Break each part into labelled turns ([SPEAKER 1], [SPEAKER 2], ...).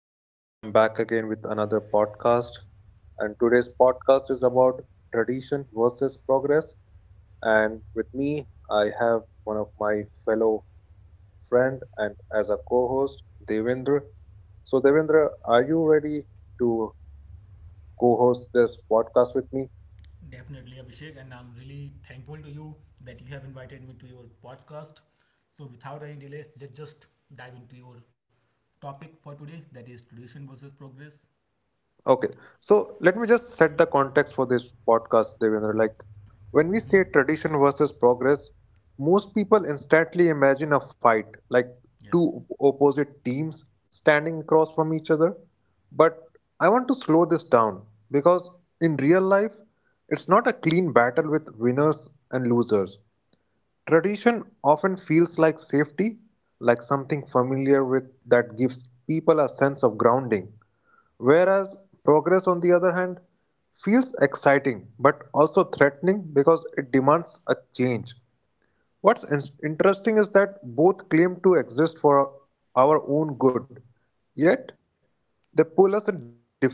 [SPEAKER 1] So, I am back again with another podcast. And today's podcast is about tradition versus progress. And with me, I have one of my fellow friend and as a co-host, Devendra. So, Devendra, are you ready to co-host this podcast with me?
[SPEAKER 2] Definitely, Abhishek, and I'm really thankful to you that you have invited me to your podcast. So, without any delay, let's just dive into your topic for today that is tradition versus progress.
[SPEAKER 1] Okay. So let me just set the context for this podcast, Devendra. Like when we
[SPEAKER 2] hmm
[SPEAKER 1] say tradition versus progress, most people instantly imagine a fight, like
[SPEAKER 2] Yes.
[SPEAKER 1] two opposite teams standing across from each other. But I want to slow this down because in real life, it's not a clean battle with winners and losers. Tradition often feels like safety, like something familiar with that gives people a sense of grounding. Whereas progress, on the other hand, feels exciting but also threatening because it demands a change. What's interesting is that both claim to exist for our own good, yet they pull us in different directions.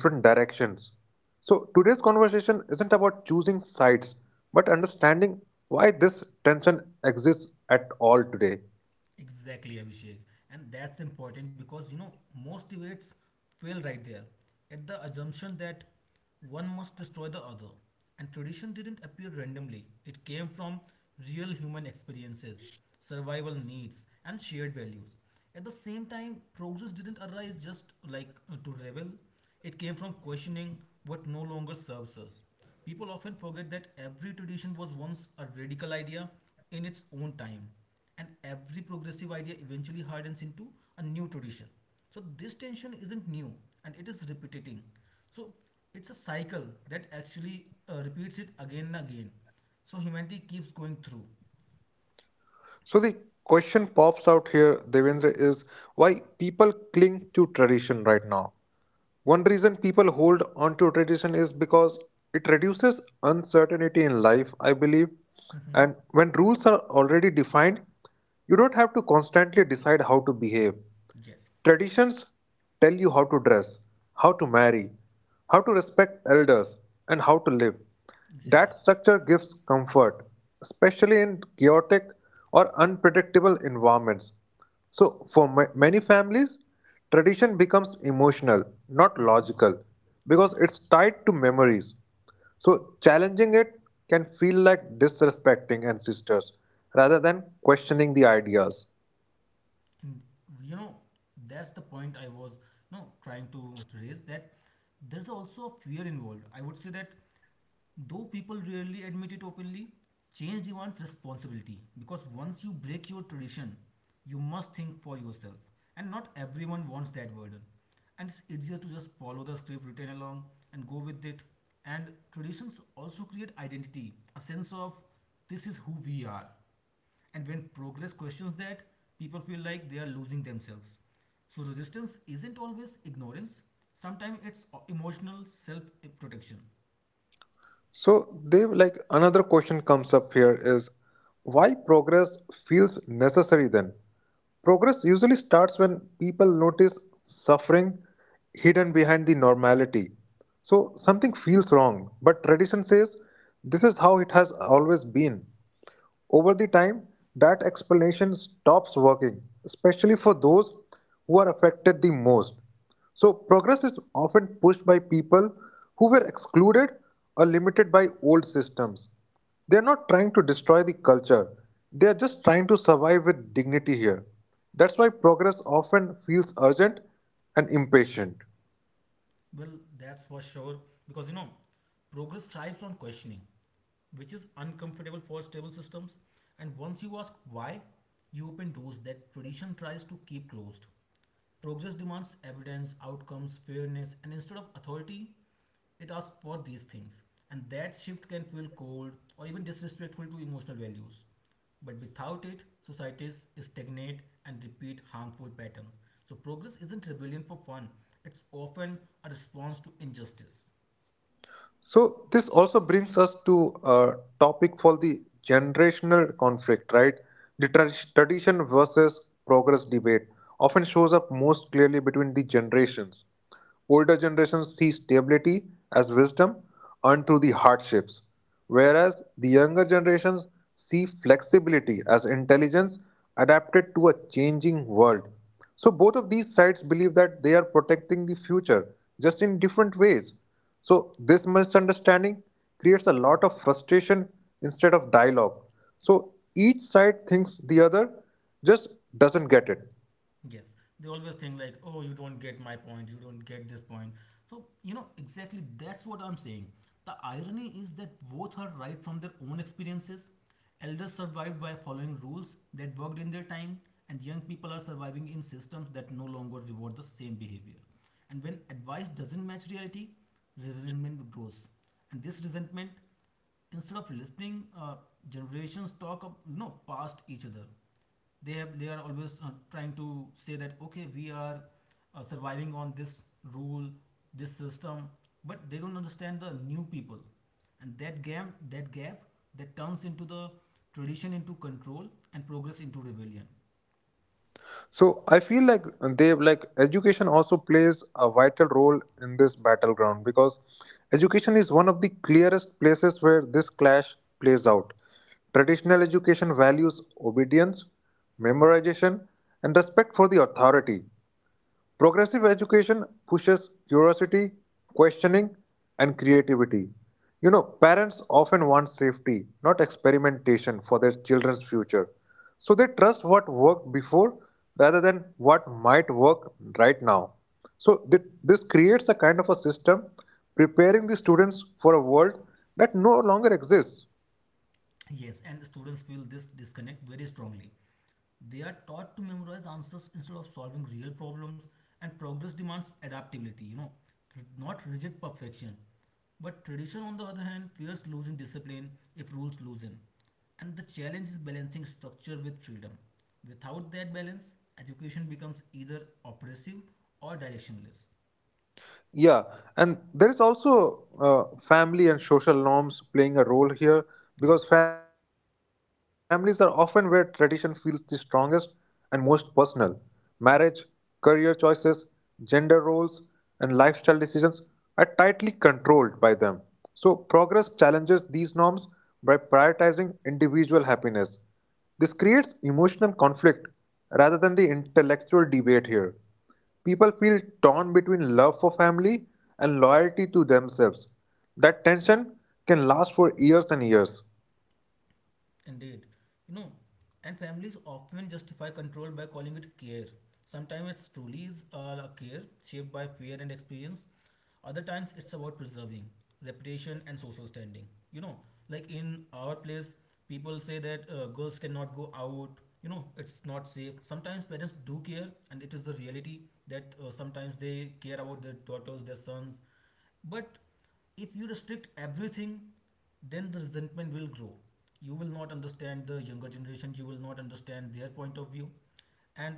[SPEAKER 1] So, today's conversation isn't about choosing sides, but understanding why this tension exists at all today.
[SPEAKER 2] Exactly, Abhishek. And that's important because most debates fail right there at the assumption that one must destroy the other. And tradition didn't appear randomly, it came from real human experiences, survival needs, and shared values. At the same time, progress didn't arise just like to revel, it came from questioning what no longer serves us. People often forget that every tradition was once a radical idea in its own time and every progressive idea eventually hardens into a new tradition. So this tension isn't new and it is repeating. So it's a cycle that actually repeats it again and again. So humanity keeps going through.
[SPEAKER 1] So, the question pops out here, Devendra, is why people cling to tradition right now. One reason people hold on to tradition is because it reduces uncertainty in life, I believe.
[SPEAKER 2] hmm
[SPEAKER 1] And when rules are already defined, you don't have to constantly decide how to behave.
[SPEAKER 2] Yes,
[SPEAKER 1] Traditions tell you how to dress, how to marry, how to respect elders, and how to live. That
[SPEAKER 2] exactly.
[SPEAKER 1] structure gives comfort, especially in chaotic or unpredictable environments. So, for many families, tradition becomes emotional, not
[SPEAKER 2] hmm
[SPEAKER 1] logical, because
[SPEAKER 2] Yes,
[SPEAKER 1] it's tied to memories. So, challenging it can feel like disrespecting ancestors rather than questioning the ideas.
[SPEAKER 2] and you know that's the point I was trying to raise that there's also a fear involved. I would say that though people rarely admit it openly, change demands responsibility because once you break your tradition, you must think for yourself. And not everyone wants that burden. And it's easier to just follow the script written along and go with it. And traditions also create identity, a sense of this is who we are. And when progress questions that, people feel like they are losing themselves. So resistance isn't always ignorance, sometimes it's emotional self protection.
[SPEAKER 1] So, Dev, like another question comes up here is why progress feels necessary then? Progress usually starts when people notice suffering hidden behind the normality. So, something feels wrong, but tradition says this is how it has always been. Over the time, that explanation stops working, especially for those who are affected the most. So, progress is often pushed by people who were excluded or limited by old systems. They are not trying to destroy the culture, they are just trying to survive with dignity here. That's why progress often feels urgent and impatient.
[SPEAKER 2] Well, that's for sure because progress thrives on questioning, which is uncomfortable for stable systems. And once you ask why, you open doors that tradition tries to keep closed. Progress demands evidence, outcomes, fairness, and instead of authority, it asks for these things. And that shift can feel cold or even disrespectful to emotional values. But without it, societies stagnate and repeat harmful patterns. So, progress isn't rebellion for fun, it's often a response to injustice.
[SPEAKER 1] So this also brings us to a topic for the generational conflict, right? The tradition versus progress debate often shows up most clearly between the generations. Older generations see stability as wisdom earned through the hardships, whereas the younger generations see flexibility as intelligence adapted to a changing world. So, both of these sides believe that they are protecting the future just in different ways. So, this misunderstanding creates a lot of frustration instead of dialogue. So, each side thinks the other just doesn't get it.
[SPEAKER 2] Yes, they always think like, oh, you don't get my point, you don't get this point. So, you know, exactly that's what I'm saying. The irony is that both are right from their own experiences. Elders survived by following rules that worked in their time, and young people are surviving in systems that no longer reward the same behavior. And when advice doesn't match reality, resentment grows. And this resentment, instead of listening, generations talk, up past each other, they are always trying to say that okay we are surviving on this rule this system but they don't understand the new people and that gap that turns into the tradition into control and progress into rebellion.
[SPEAKER 1] So I feel like they like education also plays a vital role in this battleground because education is one of the clearest places where this clash plays out. Traditional education values obedience, memorization, and respect for the authority. Progressive education pushes curiosity, questioning, and creativity. You know, parents often want safety, not experimentation, for their children's future. So they trust what worked before rather than what might work right now. So this creates a kind of a system preparing the students for a world that no longer exists.
[SPEAKER 2] Yes, and students feel this disconnect very strongly. They are taught to memorize answers instead of solving real problems, and progress demands adaptability, not rigid perfection. But tradition, on the other hand, fears losing discipline if rules loosen. And the challenge is balancing structure with freedom. Without that balance, education becomes either oppressive or directionless.
[SPEAKER 1] Yeah, and there is also family and social norms playing a role here
[SPEAKER 2] Yeah.
[SPEAKER 1] because families are often where tradition feels the strongest and most personal. Marriage, career choices, gender roles, and lifestyle decisions are tightly controlled by them. So, progress challenges these norms by prioritizing individual happiness. This creates emotional conflict rather than the intellectual debate here. People feel torn between love for family and loyalty to themselves. That tension can last for years and years.
[SPEAKER 2] Indeed. You know, and families often justify control by calling it care. Sometimes it's truly is a care shaped by fear and experience. Other times it's about preserving reputation and social standing. You know, like in our place, people say that girls cannot go out. You know, it's not safe. Sometimes parents do care, and it is the reality that sometimes they care about their daughters, their sons. But if you restrict everything then the resentment will grow. You will not understand the younger generation, you will not understand their point of view. And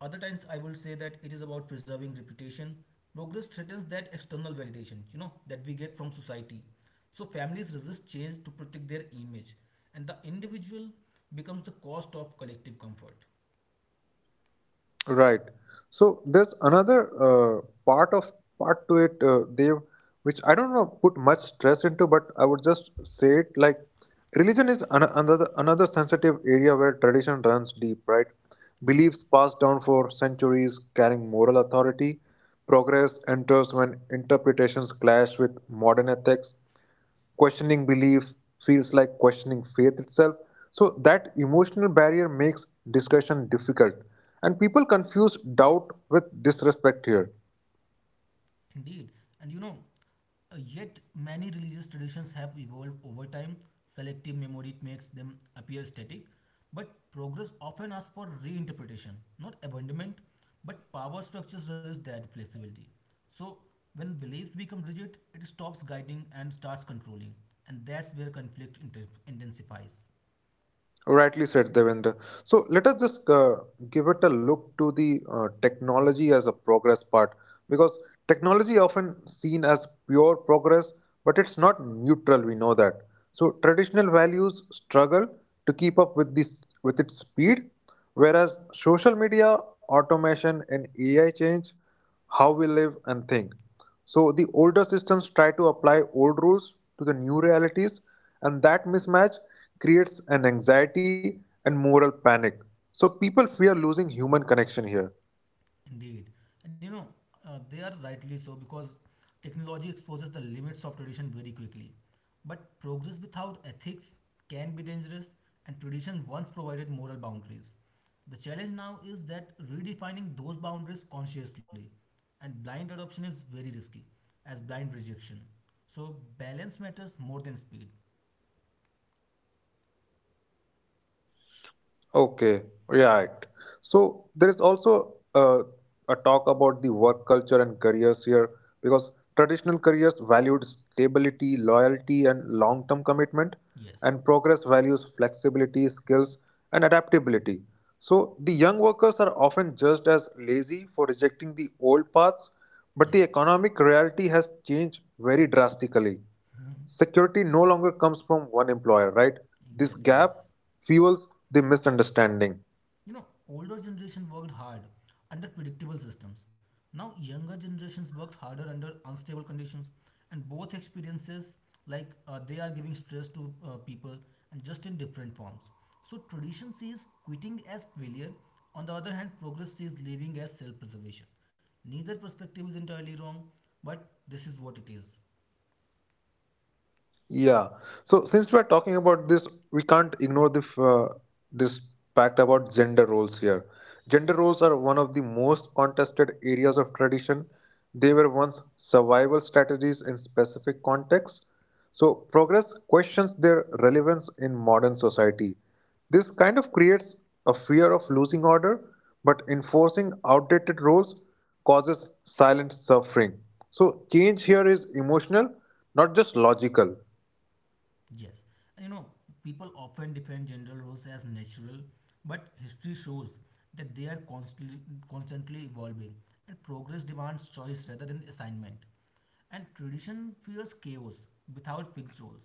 [SPEAKER 2] other times, I will say that it is about preserving reputation. Progress threatens that external validation, you know, that we get from society. So families resist change to protect their image, and the individual becomes the cost of collective comfort.
[SPEAKER 1] Right. So there's another part of part to it, Dev, which I don't know put much stress into, but I would just say it like religion is another sensitive area where tradition runs deep. Right.
[SPEAKER 2] Yes.
[SPEAKER 1] Beliefs passed down for centuries carrying moral authority. Progress enters when interpretations clash with modern ethics. Questioning belief feels like questioning faith itself. So that emotional barrier makes discussion difficult. And people confuse doubt with disrespect here.
[SPEAKER 2] Indeed. And yet many religious traditions have evolved over time. Selective memory makes them appear static, but progress often asks for reinterpretation, not abandonment, but power structures resist that flexibility. So, when beliefs become rigid, it stops guiding and starts controlling, and that's where conflict intensifies.
[SPEAKER 1] Rightly said, Devendra. So let us just give it a look to the technology as a progress part because technology often seen as pure progress, but it's not neutral. We know that. So traditional values struggle to keep up with this with its speed, whereas social media, automation, and AI change how we live and think. So the older systems try to apply old rules to the new realities, and that mismatch creates an anxiety and moral panic. So people fear losing human connection here.
[SPEAKER 2] Indeed. And they are rightly so because technology exposes the limits of tradition very quickly. But progress without ethics can be dangerous, and tradition once provided moral boundaries. The challenge now is that redefining those boundaries consciously, and blind adoption is very risky, as blind rejection. So, balance matters more than speed.
[SPEAKER 1] Okay, right. So there is also a talk about the work culture and careers here because traditional careers valued stability, loyalty, and long term commitment, and
[SPEAKER 2] Yes,
[SPEAKER 1] progress values flexibility, skills, and adaptability. So the young workers are often judged as lazy for rejecting the old paths, but the
[SPEAKER 2] yes.
[SPEAKER 1] economic reality has changed very drastically. Security no longer comes from one employer, right? This
[SPEAKER 2] Exactly, yes.
[SPEAKER 1] gap fuels the misunderstanding.
[SPEAKER 2] Older generation worked hard under predictable systems. Now younger generations worked harder under unstable conditions, and both experiences, they are giving stress to people, and just in different forms. So tradition sees quitting as failure. On the other hand, progress sees living as self-preservation. Neither perspective is entirely wrong, but this is what it is.
[SPEAKER 1] Yeah. So since we're talking about this, we can't ignore the f- this fact about gender roles here. Gender roles are one of the most contested areas of tradition. They were once survival strategies in specific contexts. So progress questions their relevance in modern society. This kind of creates a fear of losing order, but enforcing outdated roles causes silent suffering. So change here is emotional, not just logical.
[SPEAKER 2] Yes, you know, people often defend gender roles as natural, but history shows that they are constantly evolving, and progress demands choice rather than assignment. And tradition fears chaos without fixed roles.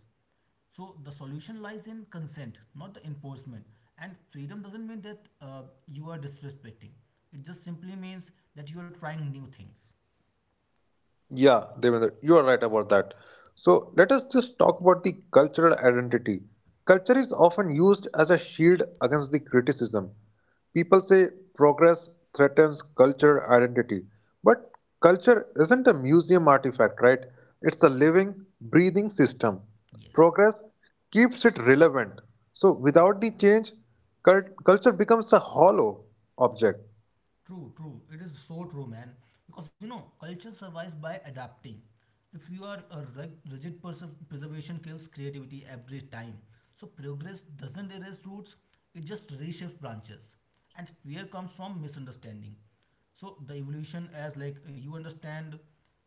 [SPEAKER 2] So the solution lies in consent, not the enforcement. And freedom doesn't mean that you are disrespecting, it just simply means that you are trying new things.
[SPEAKER 1] Yeah, Devendra, you are right about that. So let us just talk about the cultural identity. Culture is often used as a shield against the criticism. People say progress threatens culture identity, but culture isn't a museum artifact, right? It's a living, breathing system.
[SPEAKER 2] Yes.
[SPEAKER 1] Progress keeps it relevant. So without the change, culture becomes a hollow object.
[SPEAKER 2] True, true. It is so true, man. Because culture survives by adapting. If you are a rigid person, preservation kills creativity every time. So progress doesn't erase roots; it just reshapes branches. And fear comes from misunderstanding. So the evolution as like you understand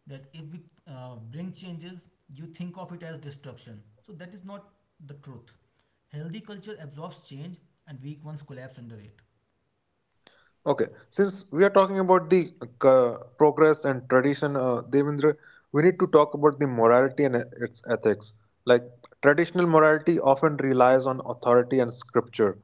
[SPEAKER 2] that if we bring changes, you think of it as destruction. So that is not the truth. Healthy culture absorbs change, and weak ones collapse under it.
[SPEAKER 1] Okay, since we are talking about the progress and tradition, Devendra, we need to talk about the morality and its ethics. Like traditional morality often relies on authority and scripture.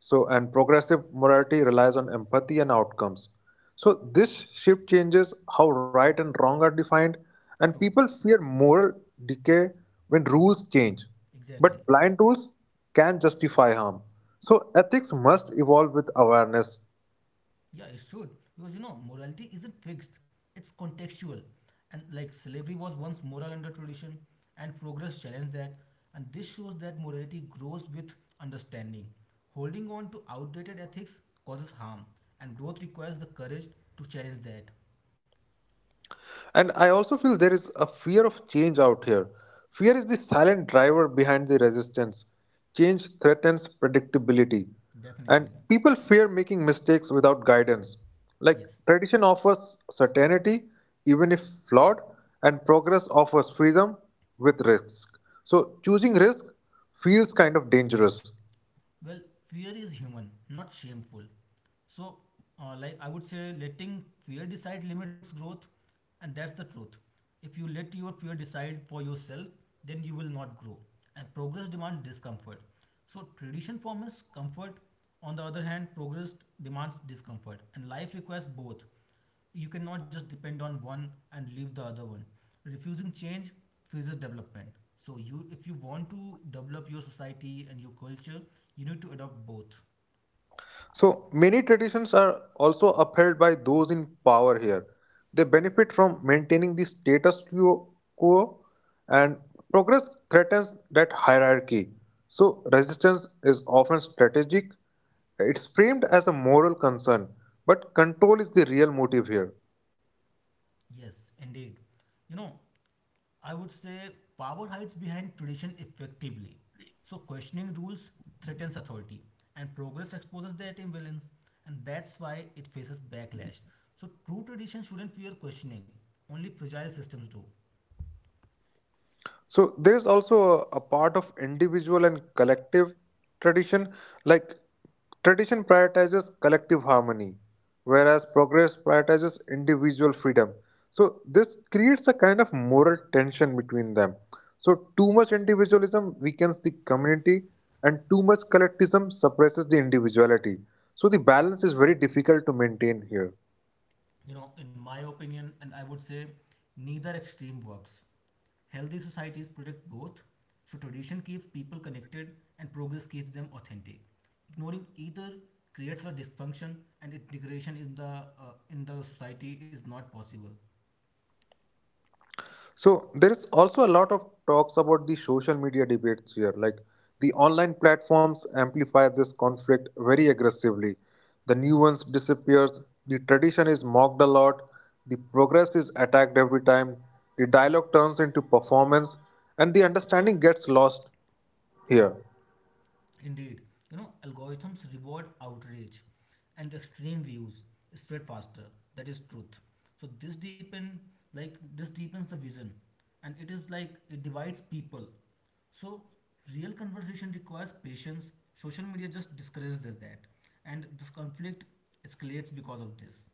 [SPEAKER 1] So, and progressive morality relies on empathy and outcomes. So, this shift changes how right and wrong are defined, and
[SPEAKER 2] True,
[SPEAKER 1] people fear moral decay when rules change.
[SPEAKER 2] exactly.
[SPEAKER 1] But blind rules can justify harm. So, ethics must evolve with awareness.
[SPEAKER 2] Yeah, it should. Because morality isn't fixed, it's contextual. And like slavery was once moral under tradition, and progress challenged that. And this shows that morality grows with understanding. Holding on to outdated ethics causes harm, and growth requires the courage to challenge that.
[SPEAKER 1] And I also feel there is a fear of change out here. Fear is the silent driver behind the resistance. Change threatens predictability. And
[SPEAKER 2] Definitely.
[SPEAKER 1] people fear making mistakes without guidance. Like
[SPEAKER 2] Yes.
[SPEAKER 1] tradition offers certainty, even if flawed, and progress offers freedom with risk. So choosing risk feels kind of dangerous.
[SPEAKER 2] Well, fear is human, not shameful. So, like I would say, letting fear decide limits growth, and that's the truth. If you let your fear decide for yourself, then you will not grow. And progress demands discomfort. So, tradition forms comfort. On the other hand, progress demands discomfort, and life requires both. You cannot just depend on one and leave the other one. Refusing change freezes development. So you if you want to develop your society and your culture, you need to adopt both.
[SPEAKER 1] So many traditions are also upheld by those in power here. They benefit from maintaining the status quo and progress threatens that hierarchy. So resistance is often strategic. It's framed as a moral concern, but control is the real motive here.
[SPEAKER 2] Yes, indeed. You know, I would say power hides behind tradition effectively. So questioning rules threatens authority and progress exposes their imbalance and that's why it faces backlash. So true tradition shouldn't fear questioning. Only fragile systems do.
[SPEAKER 1] So there is also a part of individual and collective tradition. Like tradition prioritizes collective harmony, whereas progress prioritizes individual freedom. So this creates a kind of moral tension between them. So too much individualism weakens the community, and too much collectivism suppresses the individuality. So the balance is very difficult to maintain here.
[SPEAKER 2] You know in my opinion and I would say neither extreme works, healthy societies protect both, so tradition keeps people connected and progress keeps them authentic. Ignoring either creates a dysfunction and integration in the society is not possible.
[SPEAKER 1] So there is also a lot of talks about the social media debates here. Like the online platforms amplify this conflict very aggressively. The nuance disappears, the tradition is mocked a lot, the progress is attacked every time, the dialogue turns into performance, and the understanding gets lost here.
[SPEAKER 2] Indeed, algorithms reward outrage and extreme views spread faster. That is truth. So this deepen like this deepens the vision and it is like it divides people. So real conversation requires patience. Social media just discourages that and the conflict escalates because of this.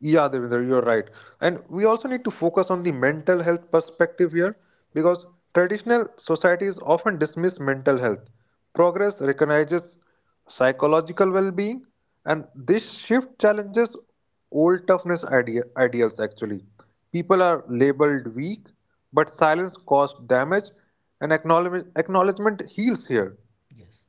[SPEAKER 1] Yeah, Devinder, you're right. And we also need to focus on the mental health perspective here because traditional societies often dismiss mental health. Progress recognizes psychological well being, and this shift challenges old toughness ideals actually. People are labeled weak, but silence caused damage, and acknowledgement heals here.
[SPEAKER 2] Yes.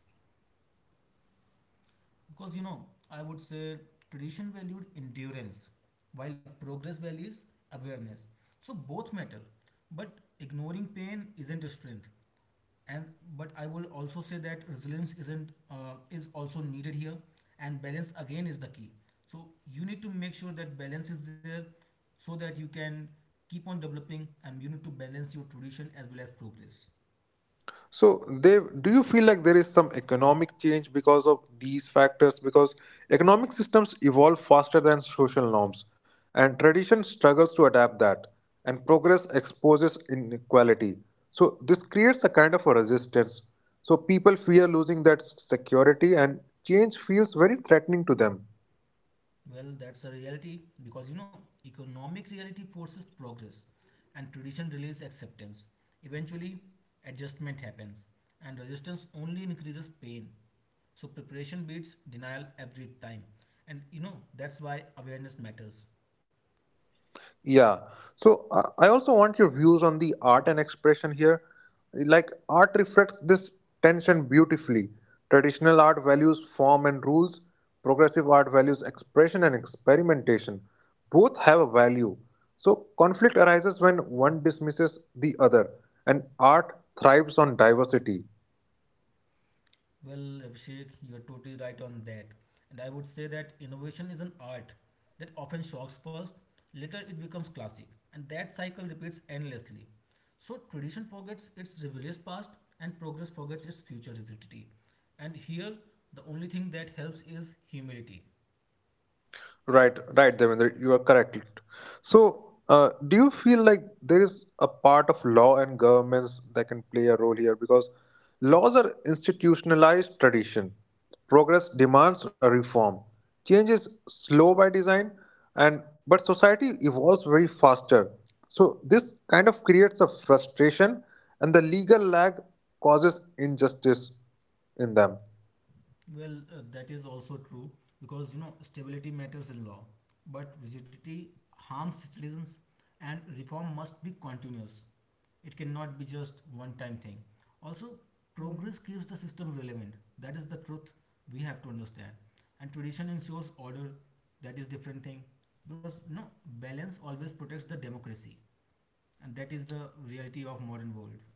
[SPEAKER 2] Because I would say tradition valued endurance while progress values awareness. So both matter, but ignoring pain isn't a strength. And but I will also say that resilience isn't is also needed here, and balance again is the key. So you need to make sure that balance is there, so that you can keep on developing, and you need to balance your tradition as well as progress.
[SPEAKER 1] So, Dev, do you feel like there is some economic change because of these factors? Because economic systems evolve faster than social norms, and tradition struggles to adapt that, and progress exposes inequality. So, this creates a kind of a resistance. So, people fear losing that security, and change feels very threatening to them.
[SPEAKER 2] Well, that's a reality because economic reality forces progress and tradition delays acceptance. Eventually, adjustment happens and resistance only increases pain. So, preparation beats denial every time. And that's why awareness matters.
[SPEAKER 1] Yeah. So I also want your views on the art and expression here. Like art reflects this tension beautifully. Traditional art values form and rules, progressive art values expression and experimentation. Both have a value. So conflict arises when one dismisses the other, and art thrives on diversity.
[SPEAKER 2] Well, Abhishek, you're totally right on that. And I would say that innovation is an art that often shocks first, later it becomes classic, and that cycle repeats endlessly. So tradition forgets its rebellious past and progress forgets its future rigidity. And here, the only thing that helps is humility.
[SPEAKER 1] Right, right, Devendra, you are correct. So, do you feel like there is a part of law and governments that can play a role here? Because laws are institutionalized tradition. Progress demands a reform. Change is slow by design, and but society evolves very faster. So this kind of creates a frustration, and the legal lag causes injustice in them.
[SPEAKER 2] Well, that is also true because stability matters in law, but rigidity harms citizens, and reform must be continuous. It cannot be just one-time thing. Also, progress keeps the system relevant. That is the truth we have to understand. And tradition ensures order. That is different thing because balance always protects the democracy, and that is the reality of modern world.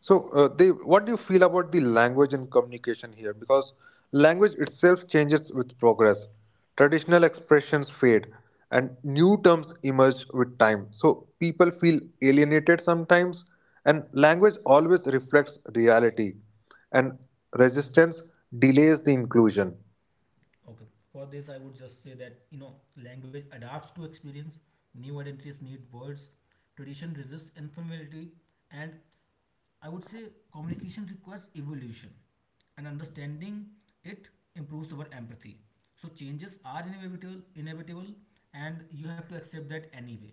[SPEAKER 1] So, Dev, what do you feel about the language and communication here? Because language itself changes with progress. Traditional expressions fade and new terms emerge with time. So, people feel alienated sometimes, and language always reflects reality, and resistance delays the inclusion.
[SPEAKER 2] Okay. For this, I would just say that language adapts to experience. New identities need words. Tradition resists informality, and I would say communication requires evolution, and understanding it improves our empathy. So changes are inevitable, and you have to accept that anyway.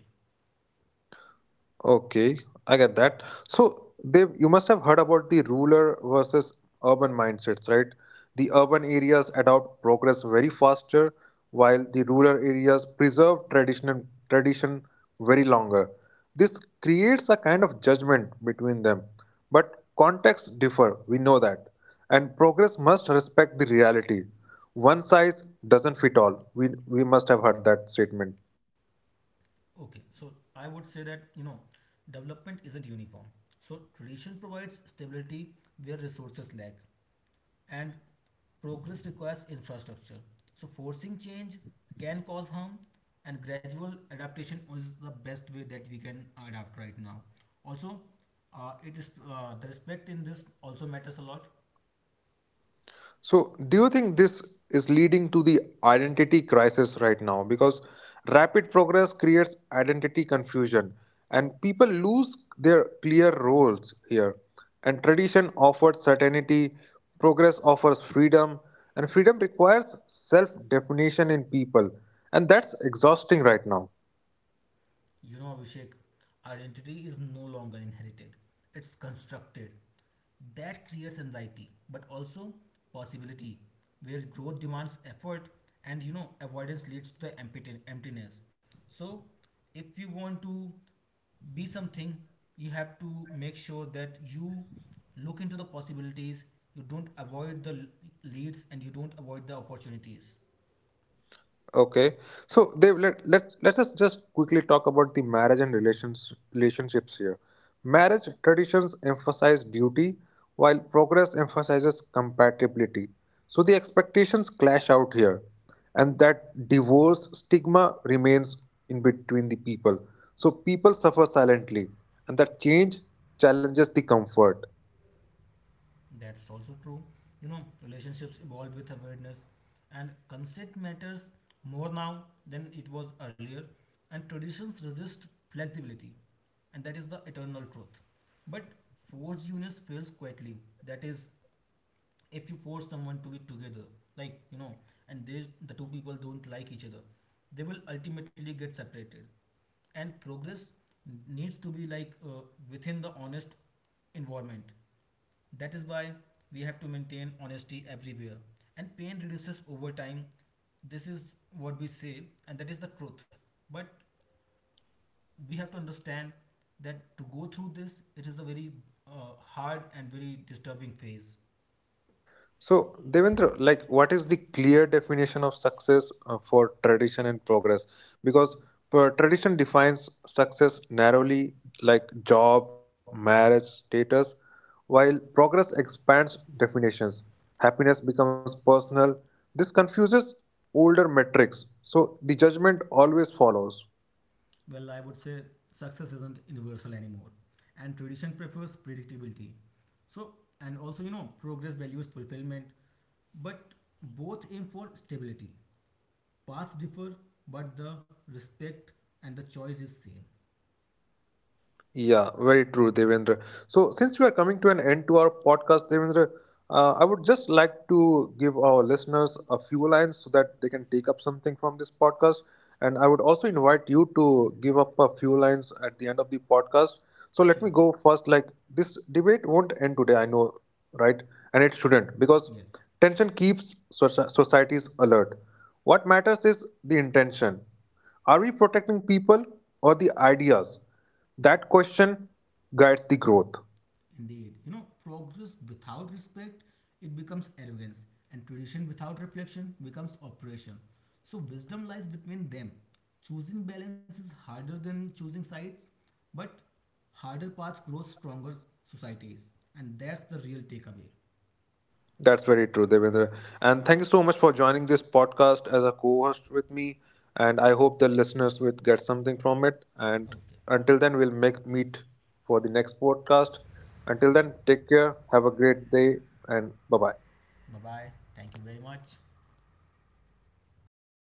[SPEAKER 1] Okay, I get that. So they you must have heard about the rural versus urban mindsets, right? The urban areas adopt progress very faster, while the rural areas preserve tradition very longer. This creates a kind of judgment between them. But contexts differ, we know that. And progress must respect the reality. One size doesn't fit all. We must have heard that statement.
[SPEAKER 2] Okay, so I would say that development isn't uniform. So tradition provides stability where resources lag, and progress requires infrastructure. So, forcing change can cause harm, and gradual adaptation is the best way that we can adapt right now. Also, it is the respect in this also matters a lot.
[SPEAKER 1] So, do you think this is leading to the identity crisis right now? Because rapid progress creates identity confusion, and people lose their clear roles here. And tradition offers certainty, progress offers freedom, and freedom requires self definition in people. And that's exhausting right now.
[SPEAKER 2] You know, Abhishek, identity is no longer inherited, it's constructed. That creates anxiety, but also possibility, where growth demands effort and avoidance leads to the emptiness. So, if you want to be something, you have to make sure that you look into the possibilities, you don't avoid the leads, and you don't avoid the opportunities.
[SPEAKER 1] Okay, so they let us just quickly talk about the marriage and relationships here. Marriage traditions emphasize duty, while progress emphasizes compatibility. So the expectations clash out here, and that divorce stigma remains in between the people. So people suffer silently, and that change challenges the comfort.
[SPEAKER 2] That's also true. Relationships evolve with awareness, and consent matters more now than it was earlier, and traditions resist flexibility, and that is the eternal truth. But forced unions fails quietly. That is, if you force someone to be together, like you know, and the two people don't like each other, they will ultimately get separated. And progress needs to be within the honest environment, that is why we have to maintain honesty everywhere. And pain reduces over time. This is what we say, and that is the truth. But we have to understand that to go through this, it is a very hard and very disturbing phase.
[SPEAKER 1] So, Devendra, like, what is the clear definition of success for tradition and progress? Because tradition defines success narrowly, like job, marriage, status, while progress expands definitions. Happiness becomes personal. This confuses older metrics. So, the judgment always follows.
[SPEAKER 2] Well, I would say success isn't universal anymore, and tradition prefers predictability. So, and also, progress values fulfillment, but both aim for stability. Paths differ, but the respect and the choice is same.
[SPEAKER 1] Yeah, very true, Devendra. So, since we are coming to an end to our podcast, Devendra, I would just like to give our listeners a few lines so that they can take up something from this podcast. And I would also invite you to give up a few lines at the end of the podcast. So, let me
[SPEAKER 2] Sure.
[SPEAKER 1] go first. Like, this debate won't end today, I know, right? And it shouldn't because
[SPEAKER 2] Yes,
[SPEAKER 1] tension keeps societies alert. What matters is the intention. Are we protecting people or the ideas? That question guides the growth.
[SPEAKER 2] indeed. You know, progress without respect, it becomes arrogance, and tradition without reflection becomes oppression. So wisdom lies between them. Choosing balance is harder than choosing sides, but harder path grows stronger societies, and that's the real takeaway.
[SPEAKER 1] That's very true, Devendra. And thank you so much for joining this podcast as a co-host with me. And I hope the listeners will get something from it. And
[SPEAKER 2] Okay.
[SPEAKER 1] until then, we'll make meet for the next podcast. Until then, take care. Have a great day, and bye bye.
[SPEAKER 2] Bye bye. Thank you very much.